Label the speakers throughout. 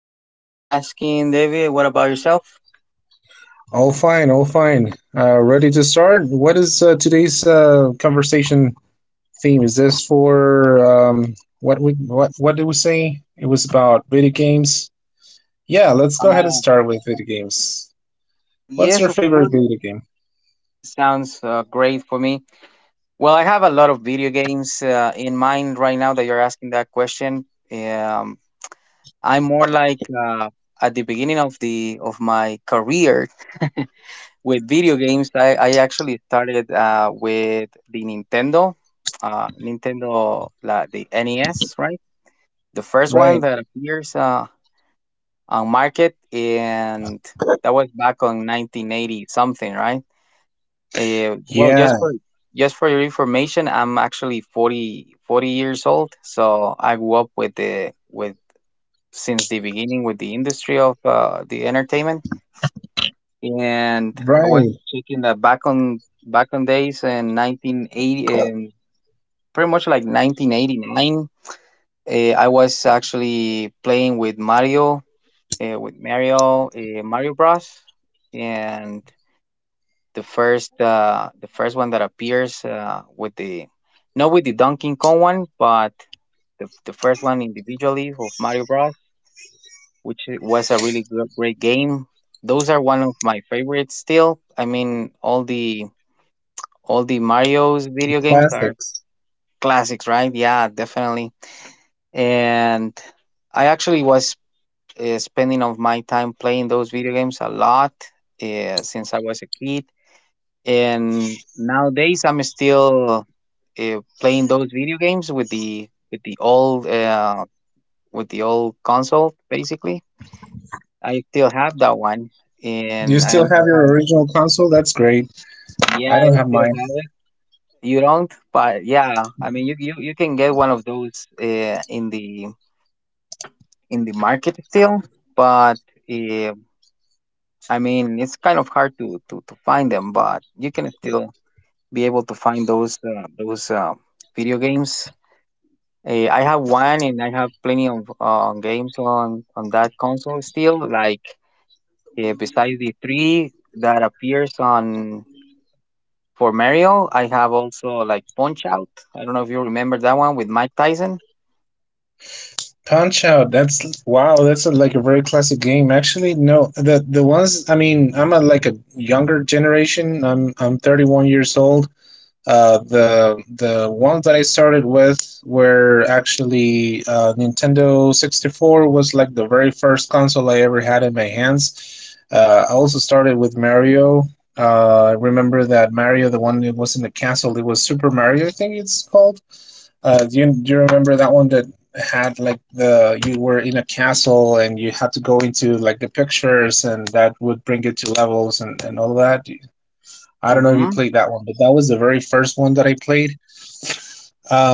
Speaker 1: Thank you for asking, David. What about yourself?
Speaker 2: All fine, all fine. Ready to start? What is today's conversation theme? Is this for what did we say? It was about video games. Yeah, let's go ahead and
Speaker 1: Uh,
Speaker 2: start with video games. What's
Speaker 1: yes,
Speaker 2: your
Speaker 1: of
Speaker 2: favorite
Speaker 1: course.
Speaker 2: video game?
Speaker 1: Sounds great for me. Well, I have a lot of video games in mind right now that you're asking that question. Um, I'm more like at the beginning of the of my career with video games. I actually started with the Nintendo, the NES, right? The first one
Speaker 2: Right.
Speaker 1: that appears on market, and that was back on 1980 something, right? Well, just
Speaker 2: Yeah.
Speaker 1: for just for your information, I'm actually 40 years old, so I grew up with the with since the beginning with the industry of the entertainment, and I was
Speaker 2: Right.
Speaker 1: checking that back on days in 1980. Pretty much like 1989, I was actually playing with Mario, Mario Bros, and the first one that appears, with the, not with the Donkey Kong one, but the first one individually of Mario Bros, which was a really great game. Those are one of my favorites still. I mean, all the Mario's video games are
Speaker 2: Classics.
Speaker 1: classics, right? Yeah, definitely. And I actually was spending of my time playing those video games a lot since I was a kid, and nowadays I'm still playing those video games with the with the old console. Basically, I still have that one,
Speaker 2: Do you
Speaker 1: and I,
Speaker 2: still
Speaker 1: I
Speaker 2: have your
Speaker 1: have,
Speaker 2: original console? That's great.
Speaker 1: yeah,
Speaker 2: I don't
Speaker 1: I
Speaker 2: have
Speaker 1: still
Speaker 2: mine.
Speaker 1: have it. You don't, but yeah, I mean you can get one of those in the market still, but uh. I mean, it's kind of hard to find them, but you can still be able to find those video games. I have one, and I have plenty of games on that console still. Like, besides the three that appears on for Mario, I have also like Punch Out. I don't know if you remember that one with Mike Tyson.
Speaker 2: Punch Out. That's wow. That's like a very classic game. Actually, no, the ones. I mean, I'm a like a younger generation. I'm 31 years old. The ones that I started with were actually Nintendo 64 was like the very first console I ever had in my hands. I also started with Mario. I remember that Mario, the one that was in the castle, it was Super Mario, I think it's called. Do you remember that one that had like the you were in a castle and you had to go into like the pictures and that would bring you to levels and all that? I don't know if you
Speaker 1: Mm-hmm.
Speaker 2: played that one, but that was the very first one that I played.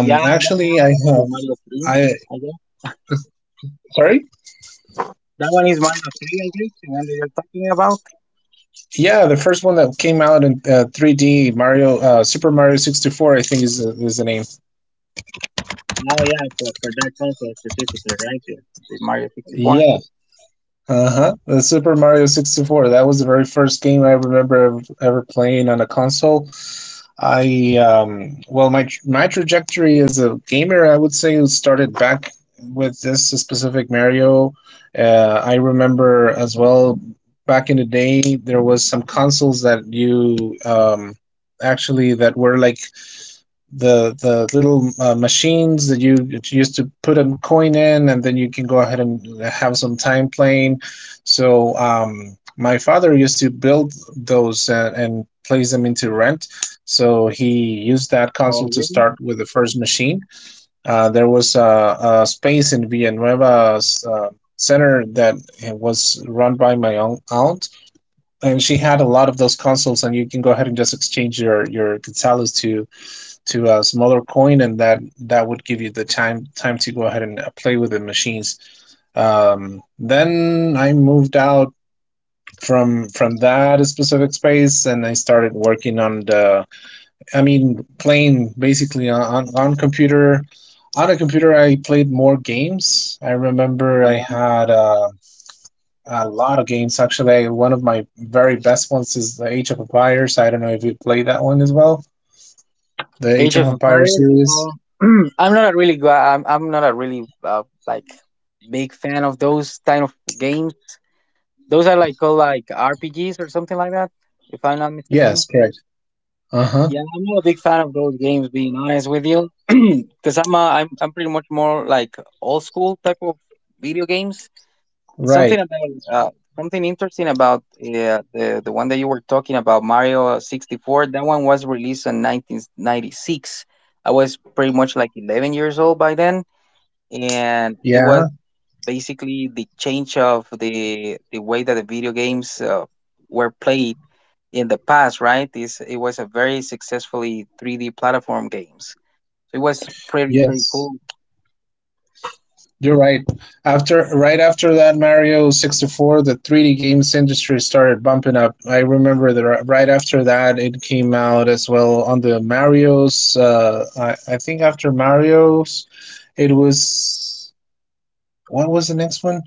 Speaker 1: Yeah, that one
Speaker 2: Actually, I
Speaker 1: is called the
Speaker 2: have
Speaker 1: Mario Three.
Speaker 2: I
Speaker 1: I guess
Speaker 2: sorry.
Speaker 1: that one is Mario Three, I guess, the one that you're talking about.
Speaker 2: Yeah, the first one that came out in 3D, Mario, Super Mario 64, I think is the name.
Speaker 1: Oh yeah, for that console specifically, right? It's the Mario 64.
Speaker 2: Yeah, uh-huh. The Super Mario 64. That was the very first game I remember ever, ever playing on a console. I well my trajectory as a gamer, I would say, started back with this specific Mario. I remember as well back in the day there was some consoles that you actually that were like the little machines that you used to put a coin in, and then you can go ahead and have some time playing. So my father used to build those and place them into rent. So he used that
Speaker 1: Oh
Speaker 2: console to
Speaker 1: really?
Speaker 2: start with the first machine. There was a space in Villanueva uh, center that was run by my aunt, and she had a lot of those consoles, and you can go ahead and just exchange your Gonzales to a smaller coin, and that would give you the time to go ahead and play with the machines. Then I moved out from that specific space, and I started working on the, I mean, playing basically on computer. On a computer, I played more games. I remember
Speaker 1: Um,
Speaker 2: I had a lot of games. Actually, one of my very best ones is the Age of Empires. I don't know if you played that one as well. The Age
Speaker 1: Age
Speaker 2: of
Speaker 1: of
Speaker 2: Empires
Speaker 1: Empires.
Speaker 2: series.
Speaker 1: I'm not a really I'm not a really like big fan of those kind of games. Those are like called like RPGs or something like that, if I'm not mistaken.
Speaker 2: Yes, correct. Uh-huh.
Speaker 1: Yeah, I'm not a big fan of those games, being honest with you, because I'm pretty much more like old school type of video games. Something
Speaker 2: Right.
Speaker 1: about something interesting about the one that you were talking about, Mario 64. That one was released in 1996. I was pretty much like 11 years old by then, and it was
Speaker 2: Yeah.
Speaker 1: basically the change of the way that the video games were played in the past, right? This It was a very successfully 3D platform games. So it was pretty pretty
Speaker 2: Yes.
Speaker 1: cool.
Speaker 2: You're right. After right after that Mario 64, the 3D games industry started bumping up. I remember that. Right after that it came out as well on the Mario's. I think after Mario's it was, what was the next one?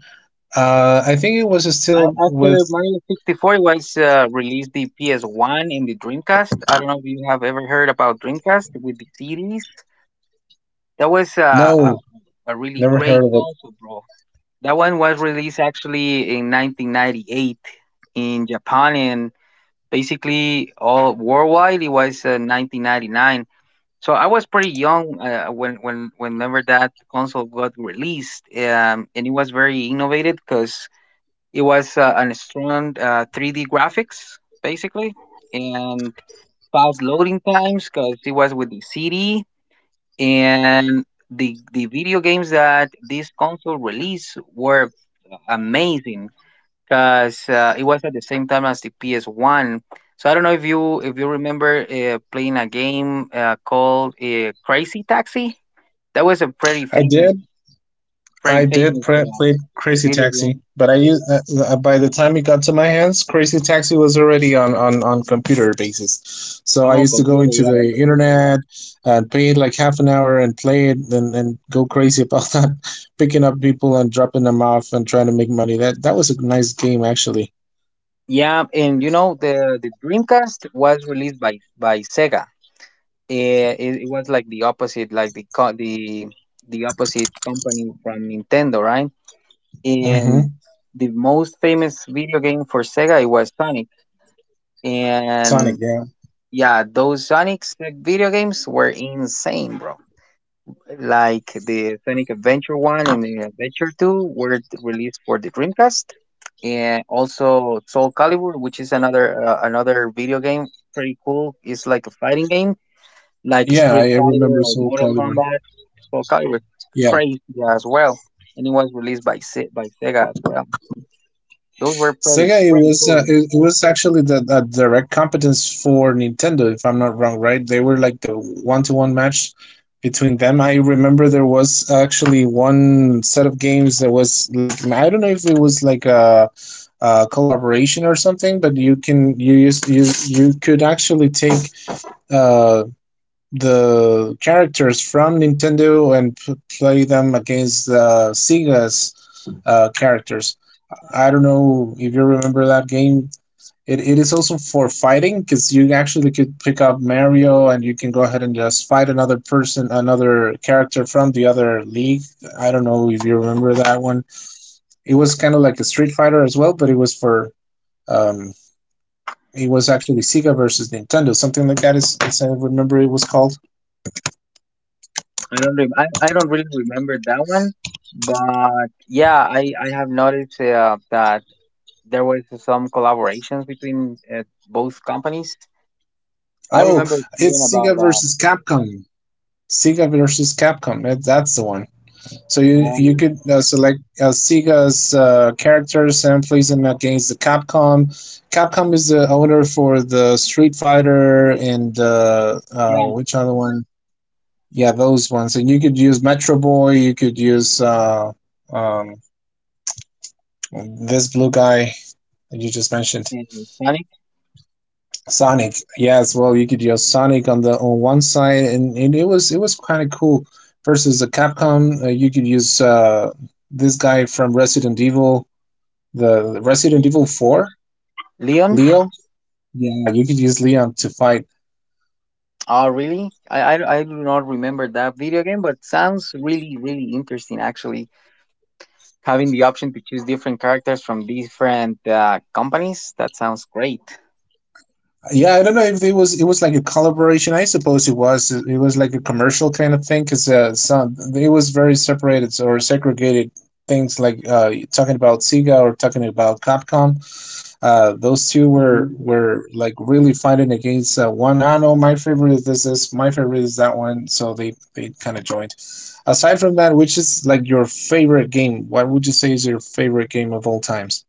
Speaker 2: I think it was still
Speaker 1: After
Speaker 2: with.
Speaker 1: Mario 64 was released, the PS1 and the Dreamcast. I don't know if you have ever heard about Dreamcast with the CDs. That was a,
Speaker 2: No,
Speaker 1: a really
Speaker 2: never
Speaker 1: great
Speaker 2: heard of it.
Speaker 1: console, bro. That one was released actually in 1998 in Japan, and basically all worldwide it was 1999. So I was pretty young when whenever that console got released, and it was very innovative because it was an strong 3D graphics, basically, and fast loading times because it was with the CD, and the video games that this console release were amazing because it was at the same time as the PS1. So I don't know if you remember playing a game called Crazy Taxi. That was a pretty
Speaker 2: I
Speaker 1: famous
Speaker 2: did
Speaker 1: pretty
Speaker 2: I did
Speaker 1: famous uh,
Speaker 2: play Crazy
Speaker 1: video
Speaker 2: Taxi,
Speaker 1: game
Speaker 2: but I used by the time it got to my hands, Crazy Taxi was already on on computer basis. So I
Speaker 1: on
Speaker 2: used to go
Speaker 1: computer.
Speaker 2: into
Speaker 1: Yeah,
Speaker 2: the internet and pay like half an hour and play it and go crazy about that, picking up people and dropping them off and trying to make money. That was a nice game actually.
Speaker 1: yeah, and you know, the Dreamcast was released by Sega. It, it was like the opposite, like the co- the opposite company from Nintendo, right? And
Speaker 2: hmm
Speaker 1: the most famous video game for Sega, it was Sonic,
Speaker 2: Sonic,
Speaker 1: and
Speaker 2: yeah,
Speaker 1: yeah, those Sonic video games were insane, bro, like the Sonic Adventure 1 and the Adventure 2 were released for the Dreamcast, and also Soul Calibur, which is another another video game, pretty cool. It's like a fighting game, like
Speaker 2: yeah, I
Speaker 1: Street
Speaker 2: I
Speaker 1: Fighter
Speaker 2: remember
Speaker 1: or
Speaker 2: Soul
Speaker 1: Mortal
Speaker 2: Calibur.
Speaker 1: Kombat. Soul Calibur,
Speaker 2: Yeah.
Speaker 1: crazy as well, and it was released by Sega as well. Those were pretty
Speaker 2: Sega, it
Speaker 1: pretty
Speaker 2: was
Speaker 1: cool,
Speaker 2: uh,
Speaker 1: man.
Speaker 2: it, it was actually the direct competence for Nintendo, if I'm not wrong, right? They were like the one to one match between them. I remember there was actually one set of games that was like, I don't know if it was like a collaboration or something, but you can you used you you could actually take uh the characters from Nintendo and play them against Sega's characters. I don't know if you remember that game. It is also for fighting because you actually could pick up Mario and you can go ahead and just fight another person, another character from the other league. I don't know if you remember that one. It was kind of like a Street Fighter as well, but um, it was actually Sega versus Nintendo, something like that. Is I remember it was called.
Speaker 1: I don't really remember that one, but yeah, I have noticed that there was some collaborations between both companies. I
Speaker 2: Oh,
Speaker 1: remember hearing
Speaker 2: it's
Speaker 1: about
Speaker 2: Sega versus Capcom. Sega versus Capcom. That's the one. So you
Speaker 1: um,
Speaker 2: could select Sega's characters and place them against the Capcom. Capcom is the owner for the Street Fighter and
Speaker 1: yeah,
Speaker 2: which other one? Yeah, those ones. And you could use Metro Boy. You could use um, this blue guy that you just mentioned,
Speaker 1: in Sonic
Speaker 2: Sonic. Yeah, as well. You could use Sonic on the on one side, and it was kind of cool. Versus the Capcom, you could use this guy from Resident Evil
Speaker 1: and
Speaker 2: Four,
Speaker 1: Leon.
Speaker 2: Leo. Yeah, you could use Leon to fight.
Speaker 1: Oh, really? I do not remember that video game, but sounds really really interesting. Actually, having the option to choose different characters from different companies, that sounds great.
Speaker 2: Yeah, I don't know if it was like a collaboration. I suppose it was. It was like a commercial kind of thing because some it was very separated or segregated things like talking about Sega or talking about Capcom. Those two were
Speaker 1: Mhm.
Speaker 2: were like really fighting against one. I know my favorite is that one. So they kind of joined. Aside from that, which is like your favorite game? What would you say is your favorite game of all times?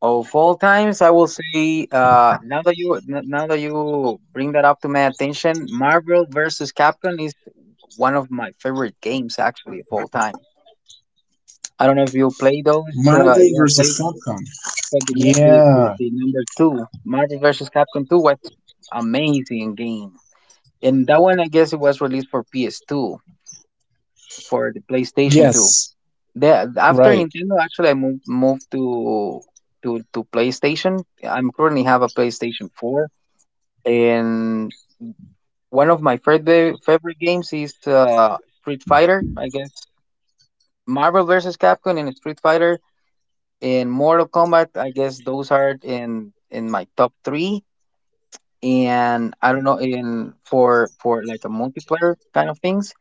Speaker 1: Of all times, I will say, now that you bring that up to my attention, Marvel versus Capcom is one of my favorite games actually of all time. I don't know if you play those.
Speaker 2: Marvel
Speaker 1: You have played,
Speaker 2: versus Capcom.
Speaker 1: but the,
Speaker 2: Yeah.
Speaker 1: the number two, Marvel versus Capcom two was amazing game, and that one I guess it was released for PS two, for the PlayStation two.
Speaker 2: Yes.
Speaker 1: The after
Speaker 2: Right.
Speaker 1: Nintendo, actually, I moved to PlayStation. I'm currently have a PlayStation 4, and one of my favorite games is Street Fighter. I guess Marvel versus Capcom and Street Fighter and Mortal Kombat, I guess those are in my top three. And I don't know in for like a multiplayer kind of things,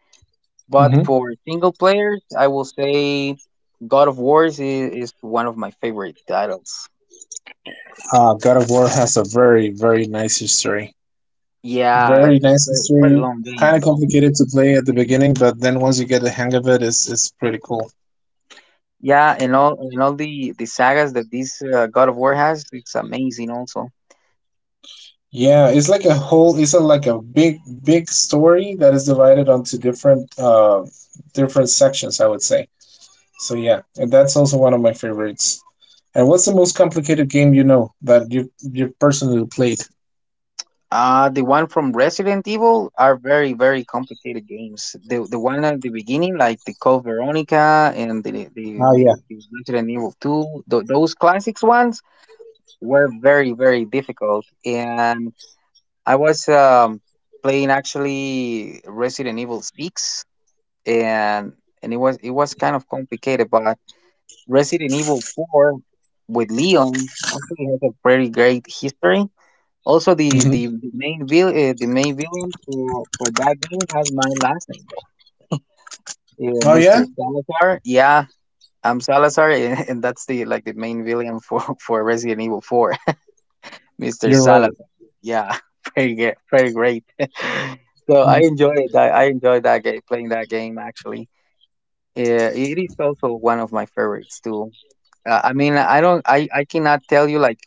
Speaker 1: but
Speaker 2: Hmm.
Speaker 1: for single players, I will say God of Wars is one of my favorite titles.
Speaker 2: God of War has a very, very nice history.
Speaker 1: Yeah,
Speaker 2: Very
Speaker 1: it's a
Speaker 2: nice
Speaker 1: pretty, pretty
Speaker 2: history.
Speaker 1: long
Speaker 2: Kind
Speaker 1: game
Speaker 2: of
Speaker 1: though.
Speaker 2: complicated to play at the beginning, but then once you get the hang of it, it's pretty cool.
Speaker 1: Yeah, and all the sagas that this God of War has, it's amazing also.
Speaker 2: Yeah, it's like a big, big story that is divided onto different sections, I would say. So yeah, and that's also one of my favorites. And what's the most complicated game that you personally played?
Speaker 1: The one from Resident Evil are very very complicated games. The one at the beginning, like the Code Veronica and
Speaker 2: Oh yeah.
Speaker 1: the Resident Evil Two, th those classics ones were very very difficult. And I was playing actually Resident Evil Six, and it was kind of complicated, but Resident Evil 4 with Leon actually has a very great history. Also,
Speaker 2: Hmm.
Speaker 1: the main vil the main villain for that game has my last name though,
Speaker 2: Oh yeah,
Speaker 1: Mr. Salazar. Yeah, I'm Salazar, and that's the like the main villain for for Resident Evil 4, Mr.
Speaker 2: you're right.
Speaker 1: Salazar. Yeah, very good, very great. So I enjoyed that. I enjoyed that game, playing that game actually. Yeah, it is also one of my favorites too. I mean, I don't, I cannot tell you like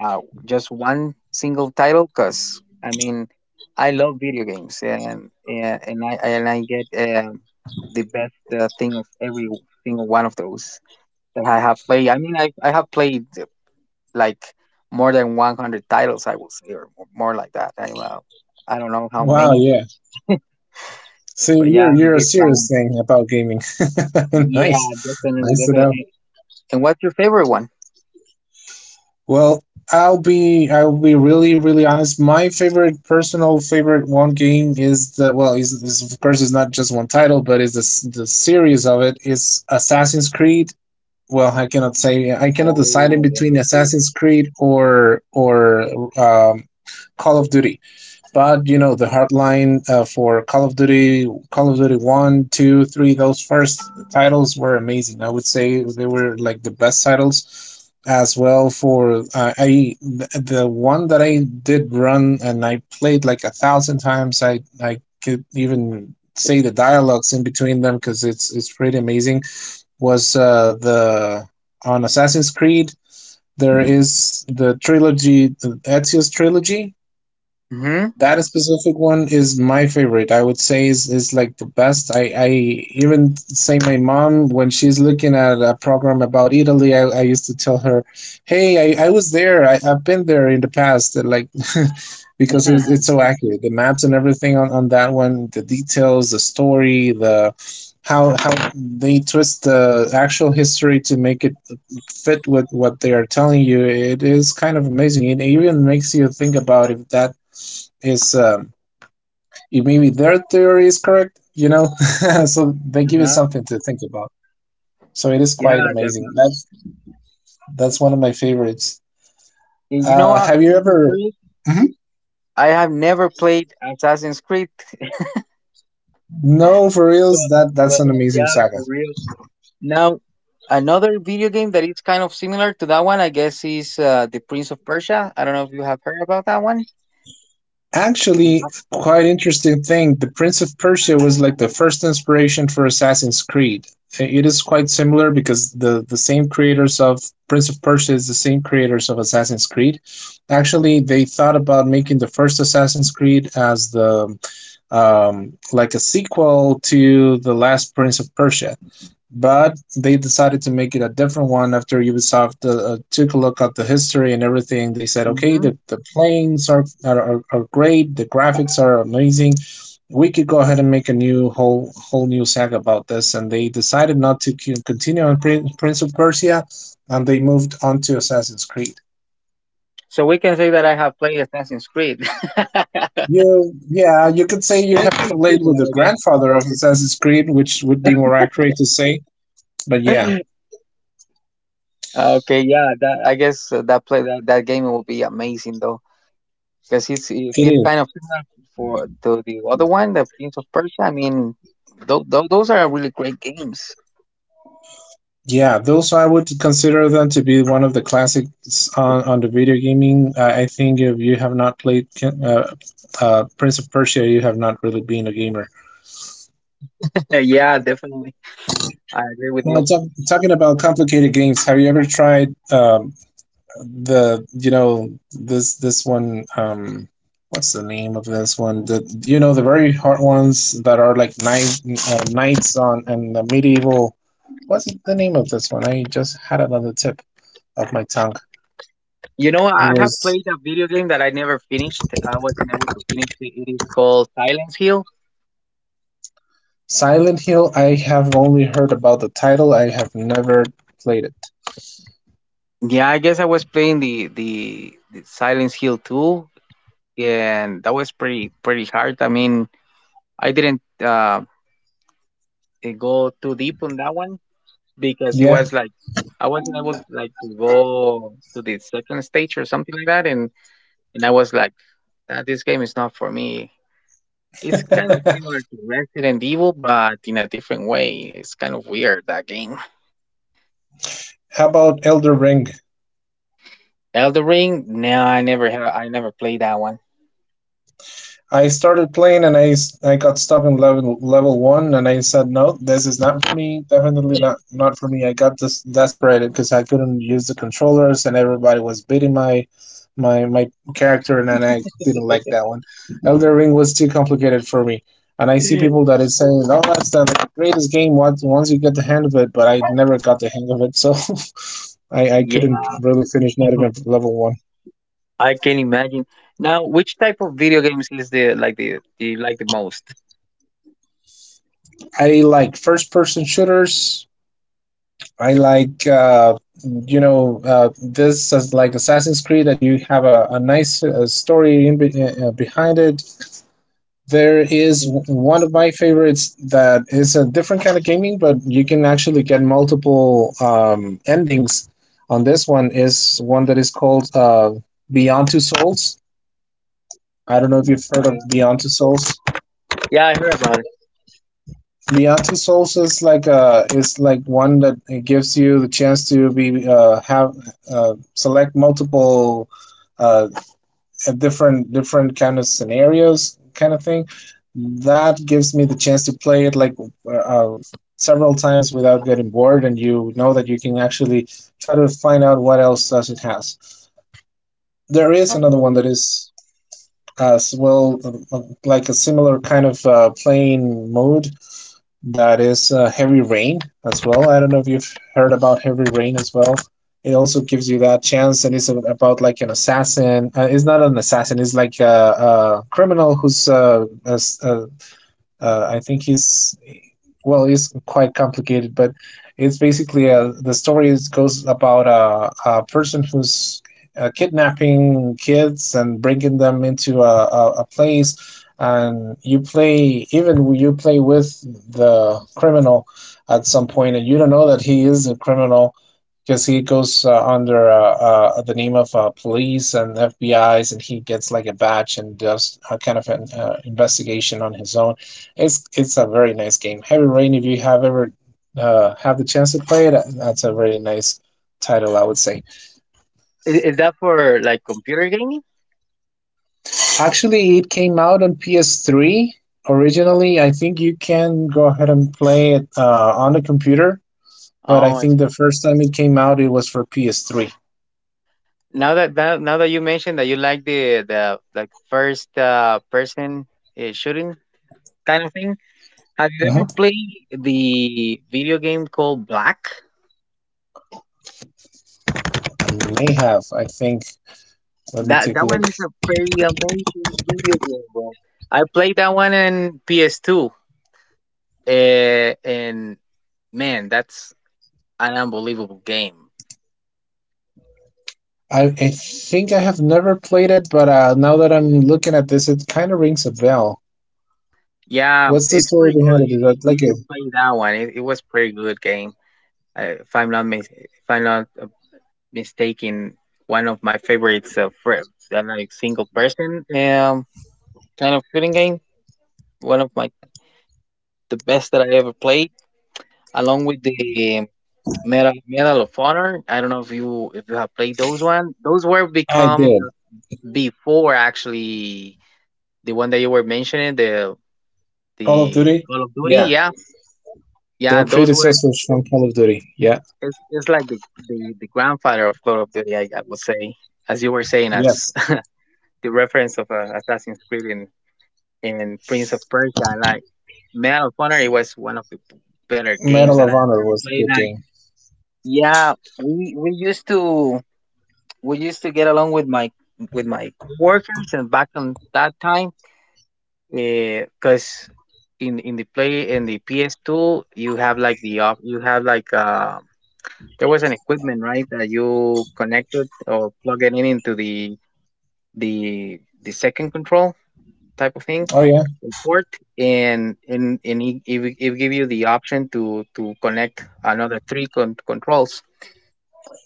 Speaker 1: uh, just one single title, because I mean, I love video games and I get the best thing of every single one of those that I have played. I mean, I have played like more than 100 titles, I will say, or more like that. I don't know how
Speaker 2: Wow,
Speaker 1: many, but,
Speaker 2: yeah. So
Speaker 1: but yeah, I'm a
Speaker 2: you're a
Speaker 1: big
Speaker 2: serious
Speaker 1: fan.
Speaker 2: thing about gaming.
Speaker 1: Yeah,
Speaker 2: Nice,
Speaker 1: definitely,
Speaker 2: nice to know.
Speaker 1: definitely. And what's your favorite one?
Speaker 2: Well, I'll be really, really honest. My favorite, personal favorite one game is the well, is of course it's not just one title, but is this the series of it is Assassin's Creed. Well, I cannot decide in
Speaker 1: Oh, yeah.
Speaker 2: between Assassin's Creed or um, Call of Duty, but you know the hardline for Call of Duty One, Two, Three. Those first titles were amazing. I would say they were like the best titles as well. For the one that I did run and I played like a thousand times. I could even say the dialogues in between them because it's pretty amazing. Was the on Assassin's Creed there is the trilogy, the Ezio's trilogy,
Speaker 1: Mm-hmm.
Speaker 2: that specific one is my favorite. I would say is like the best. I even say my mom, when she's looking at a program about Italy, I used to tell her, "Hey, I was there. I've been there in the past." And, like, because it's so accurate. The maps and everything on that one. The details, the story, the how they twist the actual history to make it fit with what they are telling you. It is kind of amazing. It even makes you think about if that is it maybe their theory is correct, you know? So they give you
Speaker 1: Uh-huh.
Speaker 2: something to think about. So it is
Speaker 1: Yeah,
Speaker 2: quite amazing.
Speaker 1: definitely.
Speaker 2: That's one of my favorites.
Speaker 1: And you know what?
Speaker 2: Have you
Speaker 1: Something for
Speaker 2: ever? Mhm.
Speaker 1: I have never played Assassin's Creed,
Speaker 2: No, for reals,
Speaker 1: but
Speaker 2: that's
Speaker 1: but
Speaker 2: an amazing
Speaker 1: yeah,
Speaker 2: saga.
Speaker 1: for real. Now, another video game that is kind of similar to that one, I guess, is the Prince of Persia. I don't know if you have heard about that one. Hmm.
Speaker 2: Actually, quite interesting thing. The Prince of Persia was like the first inspiration for Assassin's Creed. It is quite similar because the same creators of Prince of Persia is the same creators of Assassin's Creed. Actually, they thought about making the first Assassin's Creed as the like a sequel to the last Prince of Persia, but they decided to make it a different one after Ubisoft took a look at the history and everything. They said, okay, the planes are, are great, the graphics are amazing. We could go ahead and make a new whole whole new saga about this, and they decided not to continue on Prince of Persia, and they moved on to Assassin's Creed.
Speaker 1: So we can say that I have played Assassin's Creed. Yeah,
Speaker 2: Yeah, you could say you have
Speaker 1: it's kind of
Speaker 2: played with
Speaker 1: similar,
Speaker 2: the
Speaker 1: I guess.
Speaker 2: grandfather of Assassin's Creed, which would be more accurate to say. But yeah,
Speaker 1: Okay, yeah, that I guess that play that, that game will be amazing though, because
Speaker 2: it
Speaker 1: it's kind
Speaker 2: is.
Speaker 1: of similar for to the other one, the Prince of Persia. I mean, those those are really great games.
Speaker 2: Yeah, those I would consider them to be one of the classics on the video gaming. I think if you have not played Prince of Persia, you have not really been a gamer.
Speaker 1: Yeah, definitely. I agree with
Speaker 2: Well,
Speaker 1: you.
Speaker 2: talking about complicated games, have you ever tried the this one? What's the name of this one? The, you know, the very hard ones that are like knight, knights on and the medieval. What's the name of this one? I just had it on the tip of my tongue.
Speaker 1: You know,
Speaker 2: It
Speaker 1: I have
Speaker 2: was
Speaker 1: played a video game that I never finished. I wasn't able to finish it. It is called Silence Hill.
Speaker 2: Silent Hill. I have only heard about the title. I have never played it.
Speaker 1: Yeah, I guess I was playing the Silence Hill 2, and that was pretty pretty hard. I mean, I didn't go too deep on that one because it
Speaker 2: Yeah.
Speaker 1: was like I wasn't able like to go to the second stage or something like that, and I was like, "Ah, this game is not for me." It's kind of similar to Resident Evil, but in a different way. It's kind of weird that game.
Speaker 2: How about Elder Ring?
Speaker 1: Elder Ring? No, I never have. I never played that one.
Speaker 2: I started playing and I got stuck in level one and I said no, this is not for me, definitely not for me. I got this desperate because I couldn't use the controllers and everybody was beating my my character, and then I didn't like that one. Elder Ring was too complicated for me, and I see people that is saying oh, that's the, like, greatest game once you get the hang of it, but I never got the hang of it, so I
Speaker 1: Yeah,
Speaker 2: couldn't really finish not even level one.
Speaker 1: I can imagine. Now, which type of video games is the like the do you like the most?
Speaker 2: I like first person shooters. I like this is like Assassin's Creed that you have a nice story in behind it. There is one of my favorites that is a different kind of gaming, but you can actually get multiple endings on this one. Is one that is called Beyond Two Souls. I don't know if you've heard of
Speaker 1: Mhm,
Speaker 2: Beyond Two Souls.
Speaker 1: yeah, I heard about it.
Speaker 2: The Other Souls is like a, is like one that it gives you the chance to be have select multiple uh, different kind of scenarios, kind of thing. That gives me the chance to play it like uh, uh, several times without getting bored, and you know that you can actually try to find out what else does it has. There is another one
Speaker 1: Oh.
Speaker 2: that is as well like a similar kind of playing mode, that is Heavy Rain as well. I don't know if you've heard about Heavy Rain as well. It also gives you that chance, and it's about like an assassin. It's not an assassin. It's like a criminal who's I think he's, well, it's quite complicated, but it's basically the story is, goes about a person who's kidnapping kids and bringing them into a place, and you play, even you play with the criminal at some point, and you don't know that he is a criminal because he goes under the name of police and FBI's, and he gets like a badge and does a kind of an investigation on his own. It's a very nice game. Heavy Rain, if you have ever have the chance to play it, that's a very nice title, I would say.
Speaker 1: Is that for like computer gaming?
Speaker 2: Actually, it came out on PS3 originally. I think you can go ahead and play it on the computer, but I
Speaker 1: Oh, I see.
Speaker 2: think the first time it came out, it was for PS3.
Speaker 1: Now that, that now that you mentioned that you like the like first person shooting kind of thing, have you ever
Speaker 2: Mhm.
Speaker 1: played the video game called Black?
Speaker 2: I think. Let me
Speaker 1: That
Speaker 2: take a
Speaker 1: that
Speaker 2: look.
Speaker 1: one is a pretty amazing video game, bro. I played that one in PS2, and man, that's an unbelievable game.
Speaker 2: I think I have never played it, but now that I'm looking at this, it kind of rings a bell.
Speaker 1: Yeah,
Speaker 2: What's the
Speaker 1: it's
Speaker 2: story
Speaker 1: pretty
Speaker 2: behind
Speaker 1: good.
Speaker 2: it?
Speaker 1: You
Speaker 2: Is
Speaker 1: you,
Speaker 2: that like
Speaker 1: you should
Speaker 2: a?
Speaker 1: play that one. It was pretty good game. If I'm not mistaken, one of my favorites for that like single person kind of shooting game. One of my the best that I ever played, along with the Medal of Honor. I don't know if you have played those one. Those were
Speaker 2: I
Speaker 1: become
Speaker 2: did.
Speaker 1: before actually the one that you were mentioning the
Speaker 2: Call of Duty?
Speaker 1: Call of Duty.
Speaker 2: Yeah.
Speaker 1: Yeah, yeah,
Speaker 2: They're
Speaker 1: those were.
Speaker 2: predecessors from Call of Duty. Yeah.
Speaker 1: It's like the grandfather of Call of Duty. I would say, as you were saying, as
Speaker 2: Yes.
Speaker 1: the reference of Assassin's Creed and Prince of Persia. Like Man of Honor, it was one of the better games
Speaker 2: Medal
Speaker 1: that I
Speaker 2: of
Speaker 1: have
Speaker 2: Honor
Speaker 1: ever
Speaker 2: was a
Speaker 1: played.
Speaker 2: good
Speaker 1: Like
Speaker 2: game.
Speaker 1: yeah, we we used to we used to get along with my workers and back on that time because in the play in the PS2 you have like the op you have like there was an equipment, right, that you connected or plug it in into the second control type of thing
Speaker 2: Oh yeah.
Speaker 1: import, and it will give you the option to connect another three controls,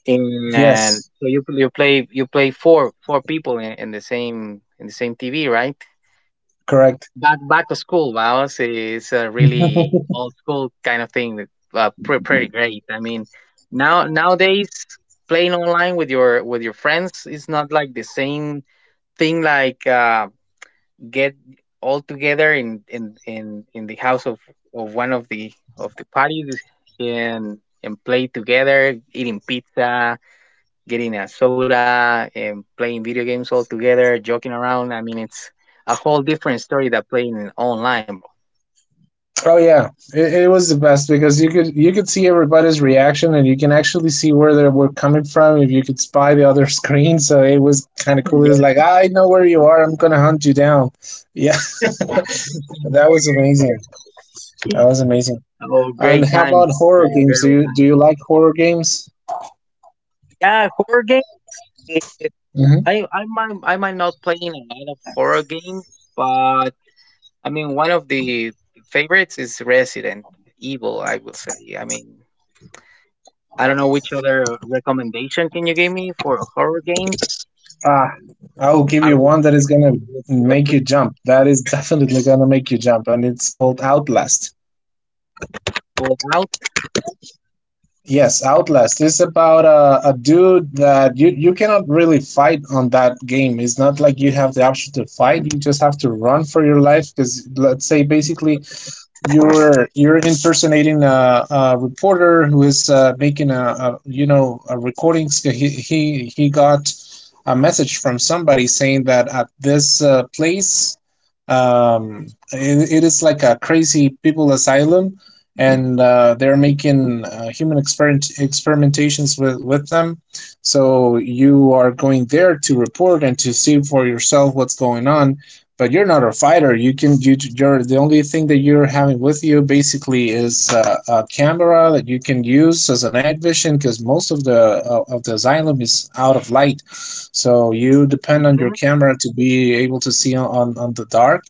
Speaker 1: and
Speaker 2: Yes.
Speaker 1: so you play four people in the same TV, right?
Speaker 2: Correct.
Speaker 1: Back to school. Wow, is a really old school kind of thing that, pre- pretty great. I mean, now nowadays playing online with your friends is not like the same thing like get all together in the house of one of the parties, and and play together, eating pizza, getting a soda, and playing video games all together, joking around. I mean, it's a whole different story than playing online, bro.
Speaker 2: Oh yeah. It was the best, because you could see everybody's reaction and you can actually see where they were coming from if you could spy the other screen. So it was kind of cool. It was like
Speaker 1: Yeah,
Speaker 2: "Ah, I know where you are. I'm gonna hunt you down." Yeah. That was amazing. That was amazing.
Speaker 1: oh,
Speaker 2: And
Speaker 1: great
Speaker 2: how
Speaker 1: time.
Speaker 2: about horror
Speaker 1: great
Speaker 2: games?
Speaker 1: great old
Speaker 2: Do
Speaker 1: time.
Speaker 2: you like horror games?
Speaker 1: Yeah, horror game,
Speaker 2: Hmm.
Speaker 1: I might not playing a lot of horror games, but I mean, one of the favorites is Resident Evil, I will say. I mean, I don't know which other recommendation can you give me for horror games?
Speaker 2: Ah, I will give
Speaker 1: I
Speaker 2: you
Speaker 1: would
Speaker 2: one that is gonna
Speaker 1: really
Speaker 2: make you
Speaker 1: appreciate
Speaker 2: jump. That is definitely gonna make you jump, and it's called Outlast.
Speaker 1: it. Out.
Speaker 2: Yes, Outlast is about a dude that you cannot really fight on that game. It's not like you have the option to fight. You just have to run for your life, because let's say basically you're impersonating a reporter who is making a, you know, a recording. So he got a message from somebody saying that at this place, it, it is like a crazy people asylum, and they're making human experimentations with them. So you are going there to report and to see for yourself what's going on, but you're not a fighter. You, you're the only thing that you're having with you basically is a camera that you can use as a night vision, because most of the xylem is out of light, so you depend on your
Speaker 1: Mhm.
Speaker 2: camera to be able to see on the dark.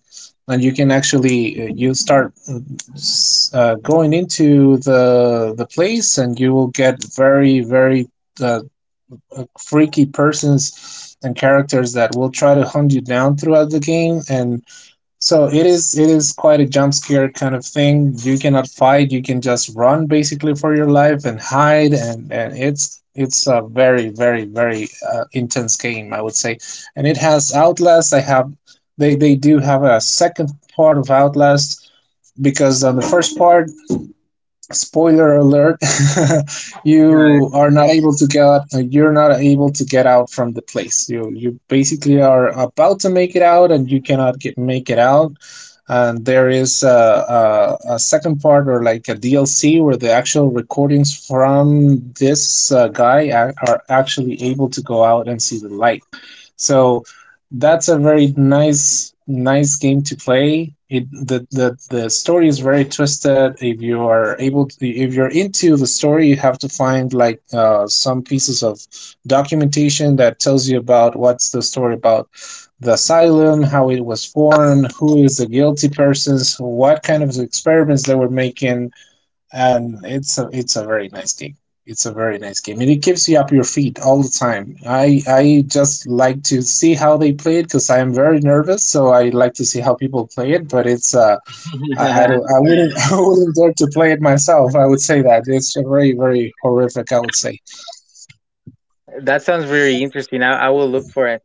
Speaker 2: And you can actually you start going into the place, and you will get very very uh, freaky persons and characters that will try to hunt you down throughout the game, and so it is quite a jump scare kind of thing. You cannot fight. You can just run basically for your life and hide, and it's a very very very intense game, I would say. And it has Outlast. I have they do have a second part of Outlast, because on the first part, spoiler alert,
Speaker 1: Yeah.
Speaker 2: you are not able to get out, you're not able to get out from the place. You basically are about to make it out, and you cannot get make it out, and there is a second part or like a DLC where the actual recordings from this guy are actually able to go out and see the light. So that's a very nice game to play. The story is very twisted. If you are able to, if you're into the story, you have to find like some pieces of documentation that tells you about what's the story about the asylum, how it was formed, who is the guilty persons, what kind of experiments they were making, and it's a very nice game. It's a very nice game, and it keeps you up your feet all the time. I just like to see how they play it, because I am very nervous, so I like to see how people play it. But it's I don't, I wouldn't, I wouldn't dare to play it myself. I would say that it's very very horrific, I would say.
Speaker 1: That sounds very interesting. I will look for it.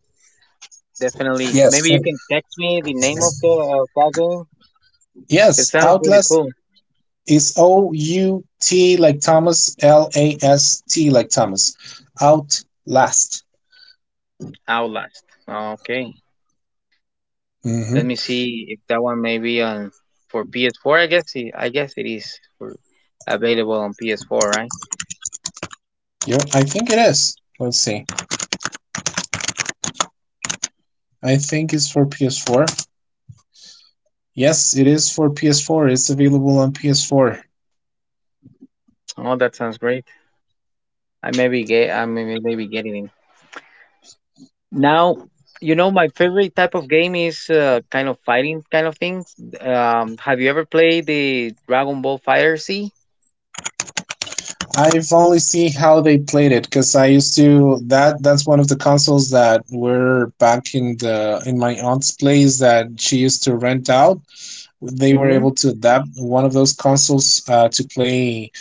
Speaker 1: Definitely.
Speaker 2: Yes,
Speaker 1: Maybe you
Speaker 2: true.
Speaker 1: can text me the name of the that game. It
Speaker 2: Yes.
Speaker 1: sounds really
Speaker 2: Outlast
Speaker 1: cool.
Speaker 2: is OUT like Thomas, LAST like Thomas. Outlast.
Speaker 1: Outlast. Okay.
Speaker 2: Mm-hmm.
Speaker 1: Let me see if that one may be on for PS4. I guess it is for, available on PS4, right?
Speaker 2: Yeah, I think it is. Let's see. I think it's for PS4. Yes, it is for PS4. It's available on PS4.
Speaker 1: Oh, that sounds great. I maybe getting engaged. Now, you know, my favorite type of game is kind of fighting kind of things. Have you ever played the Dragon Ball Fighter Z?
Speaker 2: I've only seen how they played it, because I used to that's one of the consoles that were back in the, in my aunt's place that she used to rent out. They were
Speaker 1: Mm-hmm.
Speaker 2: able to adapt one of those consoles to play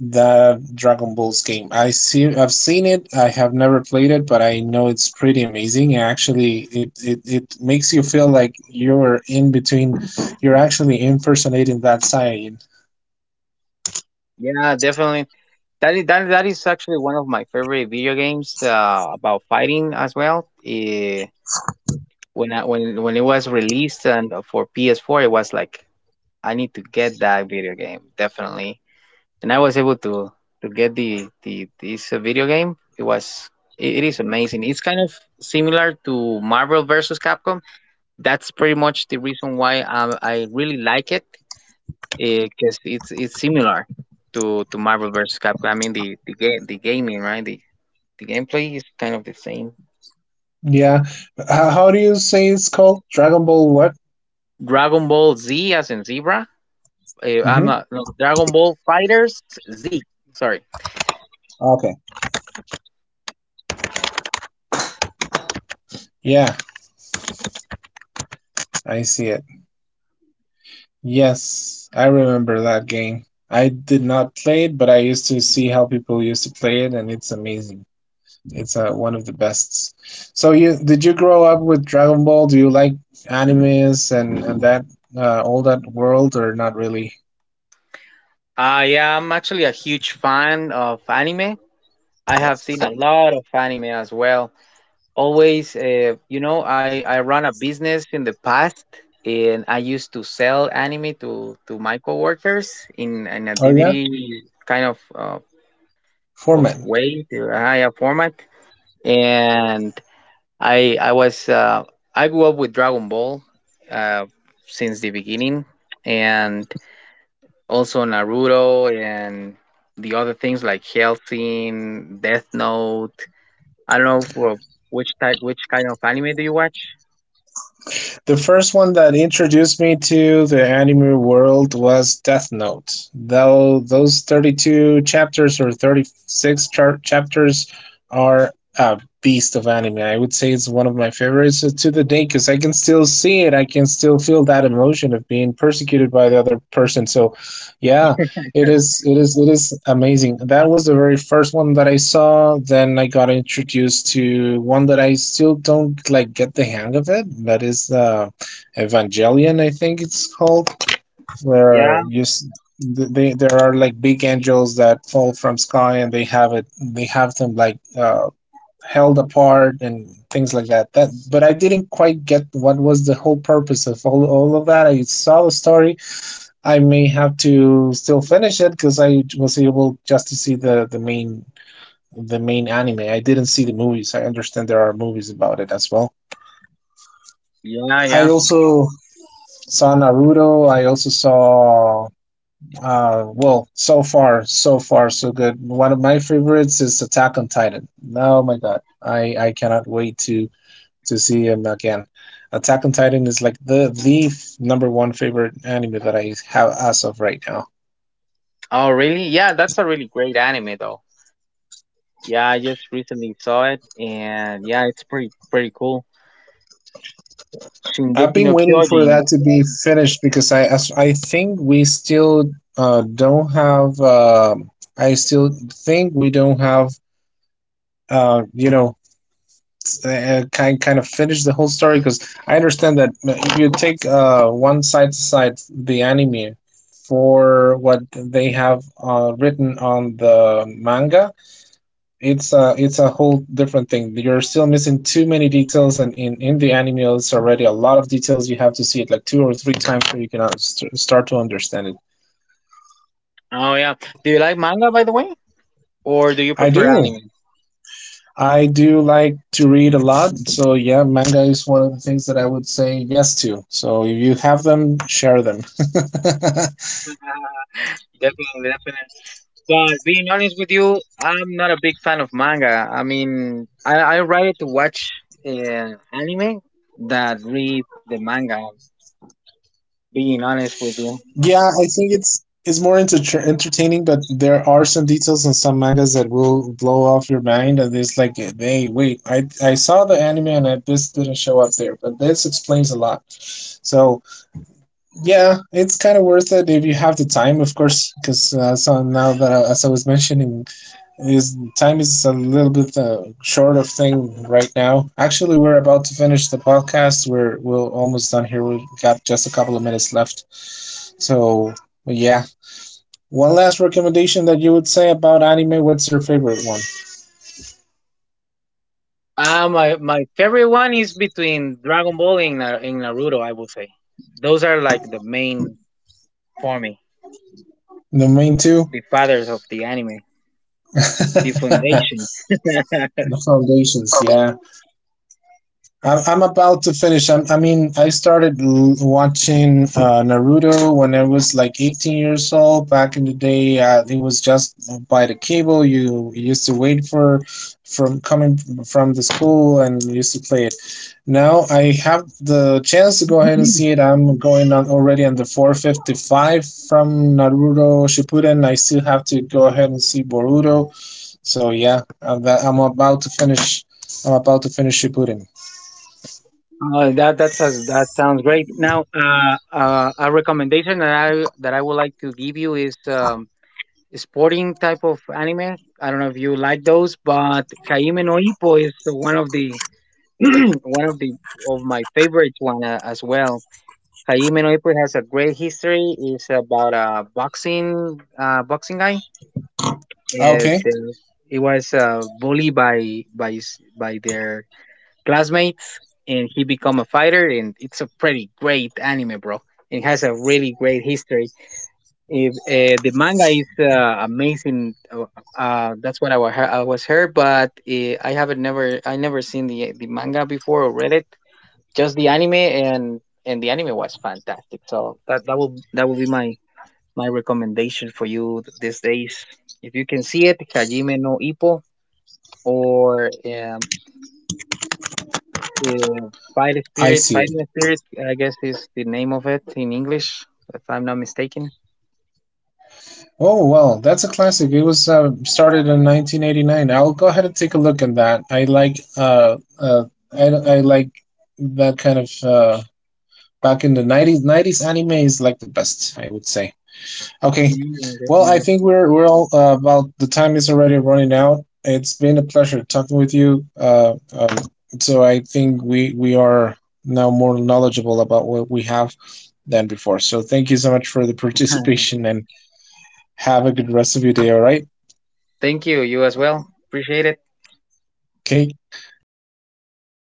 Speaker 2: that Dragon Balls game. I see, I've seen it. I have never played it, but I know it's pretty amazing. Actually, it makes you feel like you're in between. You're actually impersonating that Saiyan.
Speaker 1: Yeah, definitely. That is, that is actually one of my favorite video games about fighting as well. When when it was released and for PS4, it was like I need to get that video game definitely, and I was able to get the this video game. It is amazing. It's kind of similar to Marvel versus Capcom. That's pretty much the reason why I really like it because it's similar to Marvel versus Capcom. I mean the game, the gameplay is kind of the same.
Speaker 2: Yeah. How do you say it's called? Dragon Ball what?
Speaker 1: Dragon Ball Z as in zebra.
Speaker 2: Mm-hmm.
Speaker 1: No, Dragon Ball Fighters Z. Sorry.
Speaker 2: Okay. Yeah, I see it. Yes, I remember that game. I did not play it, but I used to see how people used to play it, and it's amazing. It's one of the best. So you did you grow up with Dragon Ball? Do you like animes and that all that world or not really?
Speaker 1: I am actually a huge fan of anime. I have seen a lot of anime as well. Always, you know, I run a business in the past, and I used to sell anime to my coworkers in an
Speaker 2: Oh yeah,
Speaker 1: DVD kind of
Speaker 2: Foreman.
Speaker 1: way, to a higher format. And I was I grew up with Dragon Ball uh, since the beginning, and also Naruto and the other things like Hellsing, Death Note. I don't know for which type, which kind of anime do you watch?
Speaker 2: The first one that introduced me to the anime world was Death Note. Though those 32 chapters or 36 chapters are a beast of anime. I would say it's one of my favorites to the day, because I can still see it. I can still feel that emotion of being persecuted by the other person. So, yeah, it is amazing. That was the very first one that I saw. Then I got introduced to one that I still don't like get the hang of it. That is Evangelion, I think it's called, where
Speaker 1: Yeah,
Speaker 2: you they, there are like big angels that fall from sky, and they have them like held apart and things like that. That, but I didn't quite get what was the whole purpose of all of that. I saw the story. I may have to still finish it because I was able just to see the main the main anime. I didn't see the movies. I understand there are movies about it as well.
Speaker 1: yeah,
Speaker 2: I
Speaker 1: yeah.
Speaker 2: also saw Naruto. I also saw so far, so good. One of my favorites is Attack on Titan. Oh my God. I cannot wait to see him again. Attack on Titan is like the number one favorite anime that I have as of right now.
Speaker 1: Oh, really? Yeah, that's a really great anime though. Yeah, I just recently saw it, and yeah, it's pretty cool.
Speaker 2: I've
Speaker 1: Shingeki
Speaker 2: been
Speaker 1: no
Speaker 2: waiting for
Speaker 1: Kyojin.
Speaker 2: that to be finished because I think we still don't have. I still think we don't have. Uh, you know, kind of finish the whole story because I understand that if you take one side to side the anime for what they have written on the manga, it's a whole different thing. You're still missing too many details, and in the anime, it's already a lot of details. You have to see it like two or three times so you can start to understand it.
Speaker 1: Oh yeah. Do you like manga by the way, or do you
Speaker 2: I
Speaker 1: prefer
Speaker 2: do.
Speaker 1: anime?
Speaker 2: I do like to read a lot, so yeah, manga is one of the things that I would say yes to. So if you have them, share them.
Speaker 1: Definitely, definitely. But being honest with you, I'm not a big fan of manga. I mean, I rather to watch uh, anime than read the manga. Being honest with you,
Speaker 2: Yeah, I think it's more entertaining, but there are some details in some mangas that will blow off your mind, and it's like, hey, wait, I saw the anime and I, this didn't show up there, but this explains a lot. So yeah, it's kind of worth it if you have the time, of course, because so now that as I was mentioning, is time is a little bit short of thing right now. Actually, we're about to finish the podcast. We're almost done here. We've got just a couple of minutes left. So yeah, one last recommendation that you would say about anime. What's your favorite one?
Speaker 1: my my favorite one is between Dragon Ball and, Naruto. I would say those are like the main for me,
Speaker 2: The main
Speaker 1: the
Speaker 2: two,
Speaker 1: fathers of the anime, the
Speaker 2: the
Speaker 1: foundation.
Speaker 2: foundations. Yeah. I'm about to finish. I mean, I started watching Naruto when I was like 18 years old. Back in the day, it was just by the cable. You used to wait for from coming from the school and you used to play it. Now I have the chance to go ahead and see it. I'm going on already on the 455 from Naruto Shippuden. I still have to go ahead and see Boruto. So yeah, I'm about to finish. I'm about to finish Shippuden.
Speaker 1: That that sounds great. Now, a recommendation that I would like to give you is sporting type of anime. I don't know if you like those, but Jaime no Ippo is one of the one of the of my favorite one as well. Jaime no Ippo has a great history. It's about a boxing boxing guy.
Speaker 2: Okay,
Speaker 1: The, he was bullied by by their classmates, and he become a fighter. And it's a pretty great anime, bro. It has a really great history if the manga is amazing, that's what I was heard, but I never seen the manga before or read it, just the anime, and the anime was fantastic, so that will be my my recommendation for you these days if you can see it. Hajime no Ippo or uh, fight
Speaker 2: I
Speaker 1: spirit,
Speaker 2: see it.
Speaker 1: fighting spirit, I guess, is the name of it in English, if I'm not mistaken.
Speaker 2: Oh well, that's a classic. It was started in 1989. I'll go ahead and take a look at that. I like I like that kind of back in the 90s anime is like the best, I would say. Okay.
Speaker 1: Yeah,
Speaker 2: Well, I
Speaker 1: definitely.
Speaker 2: think we're all about the time is already running out. It's been a pleasure talking with you. So I think we are now more knowledgeable about what we have than before. So thank you so much for the participation, and have a good rest of your day, all right?
Speaker 1: Thank you. You as well. Appreciate it.
Speaker 2: Okay, bye.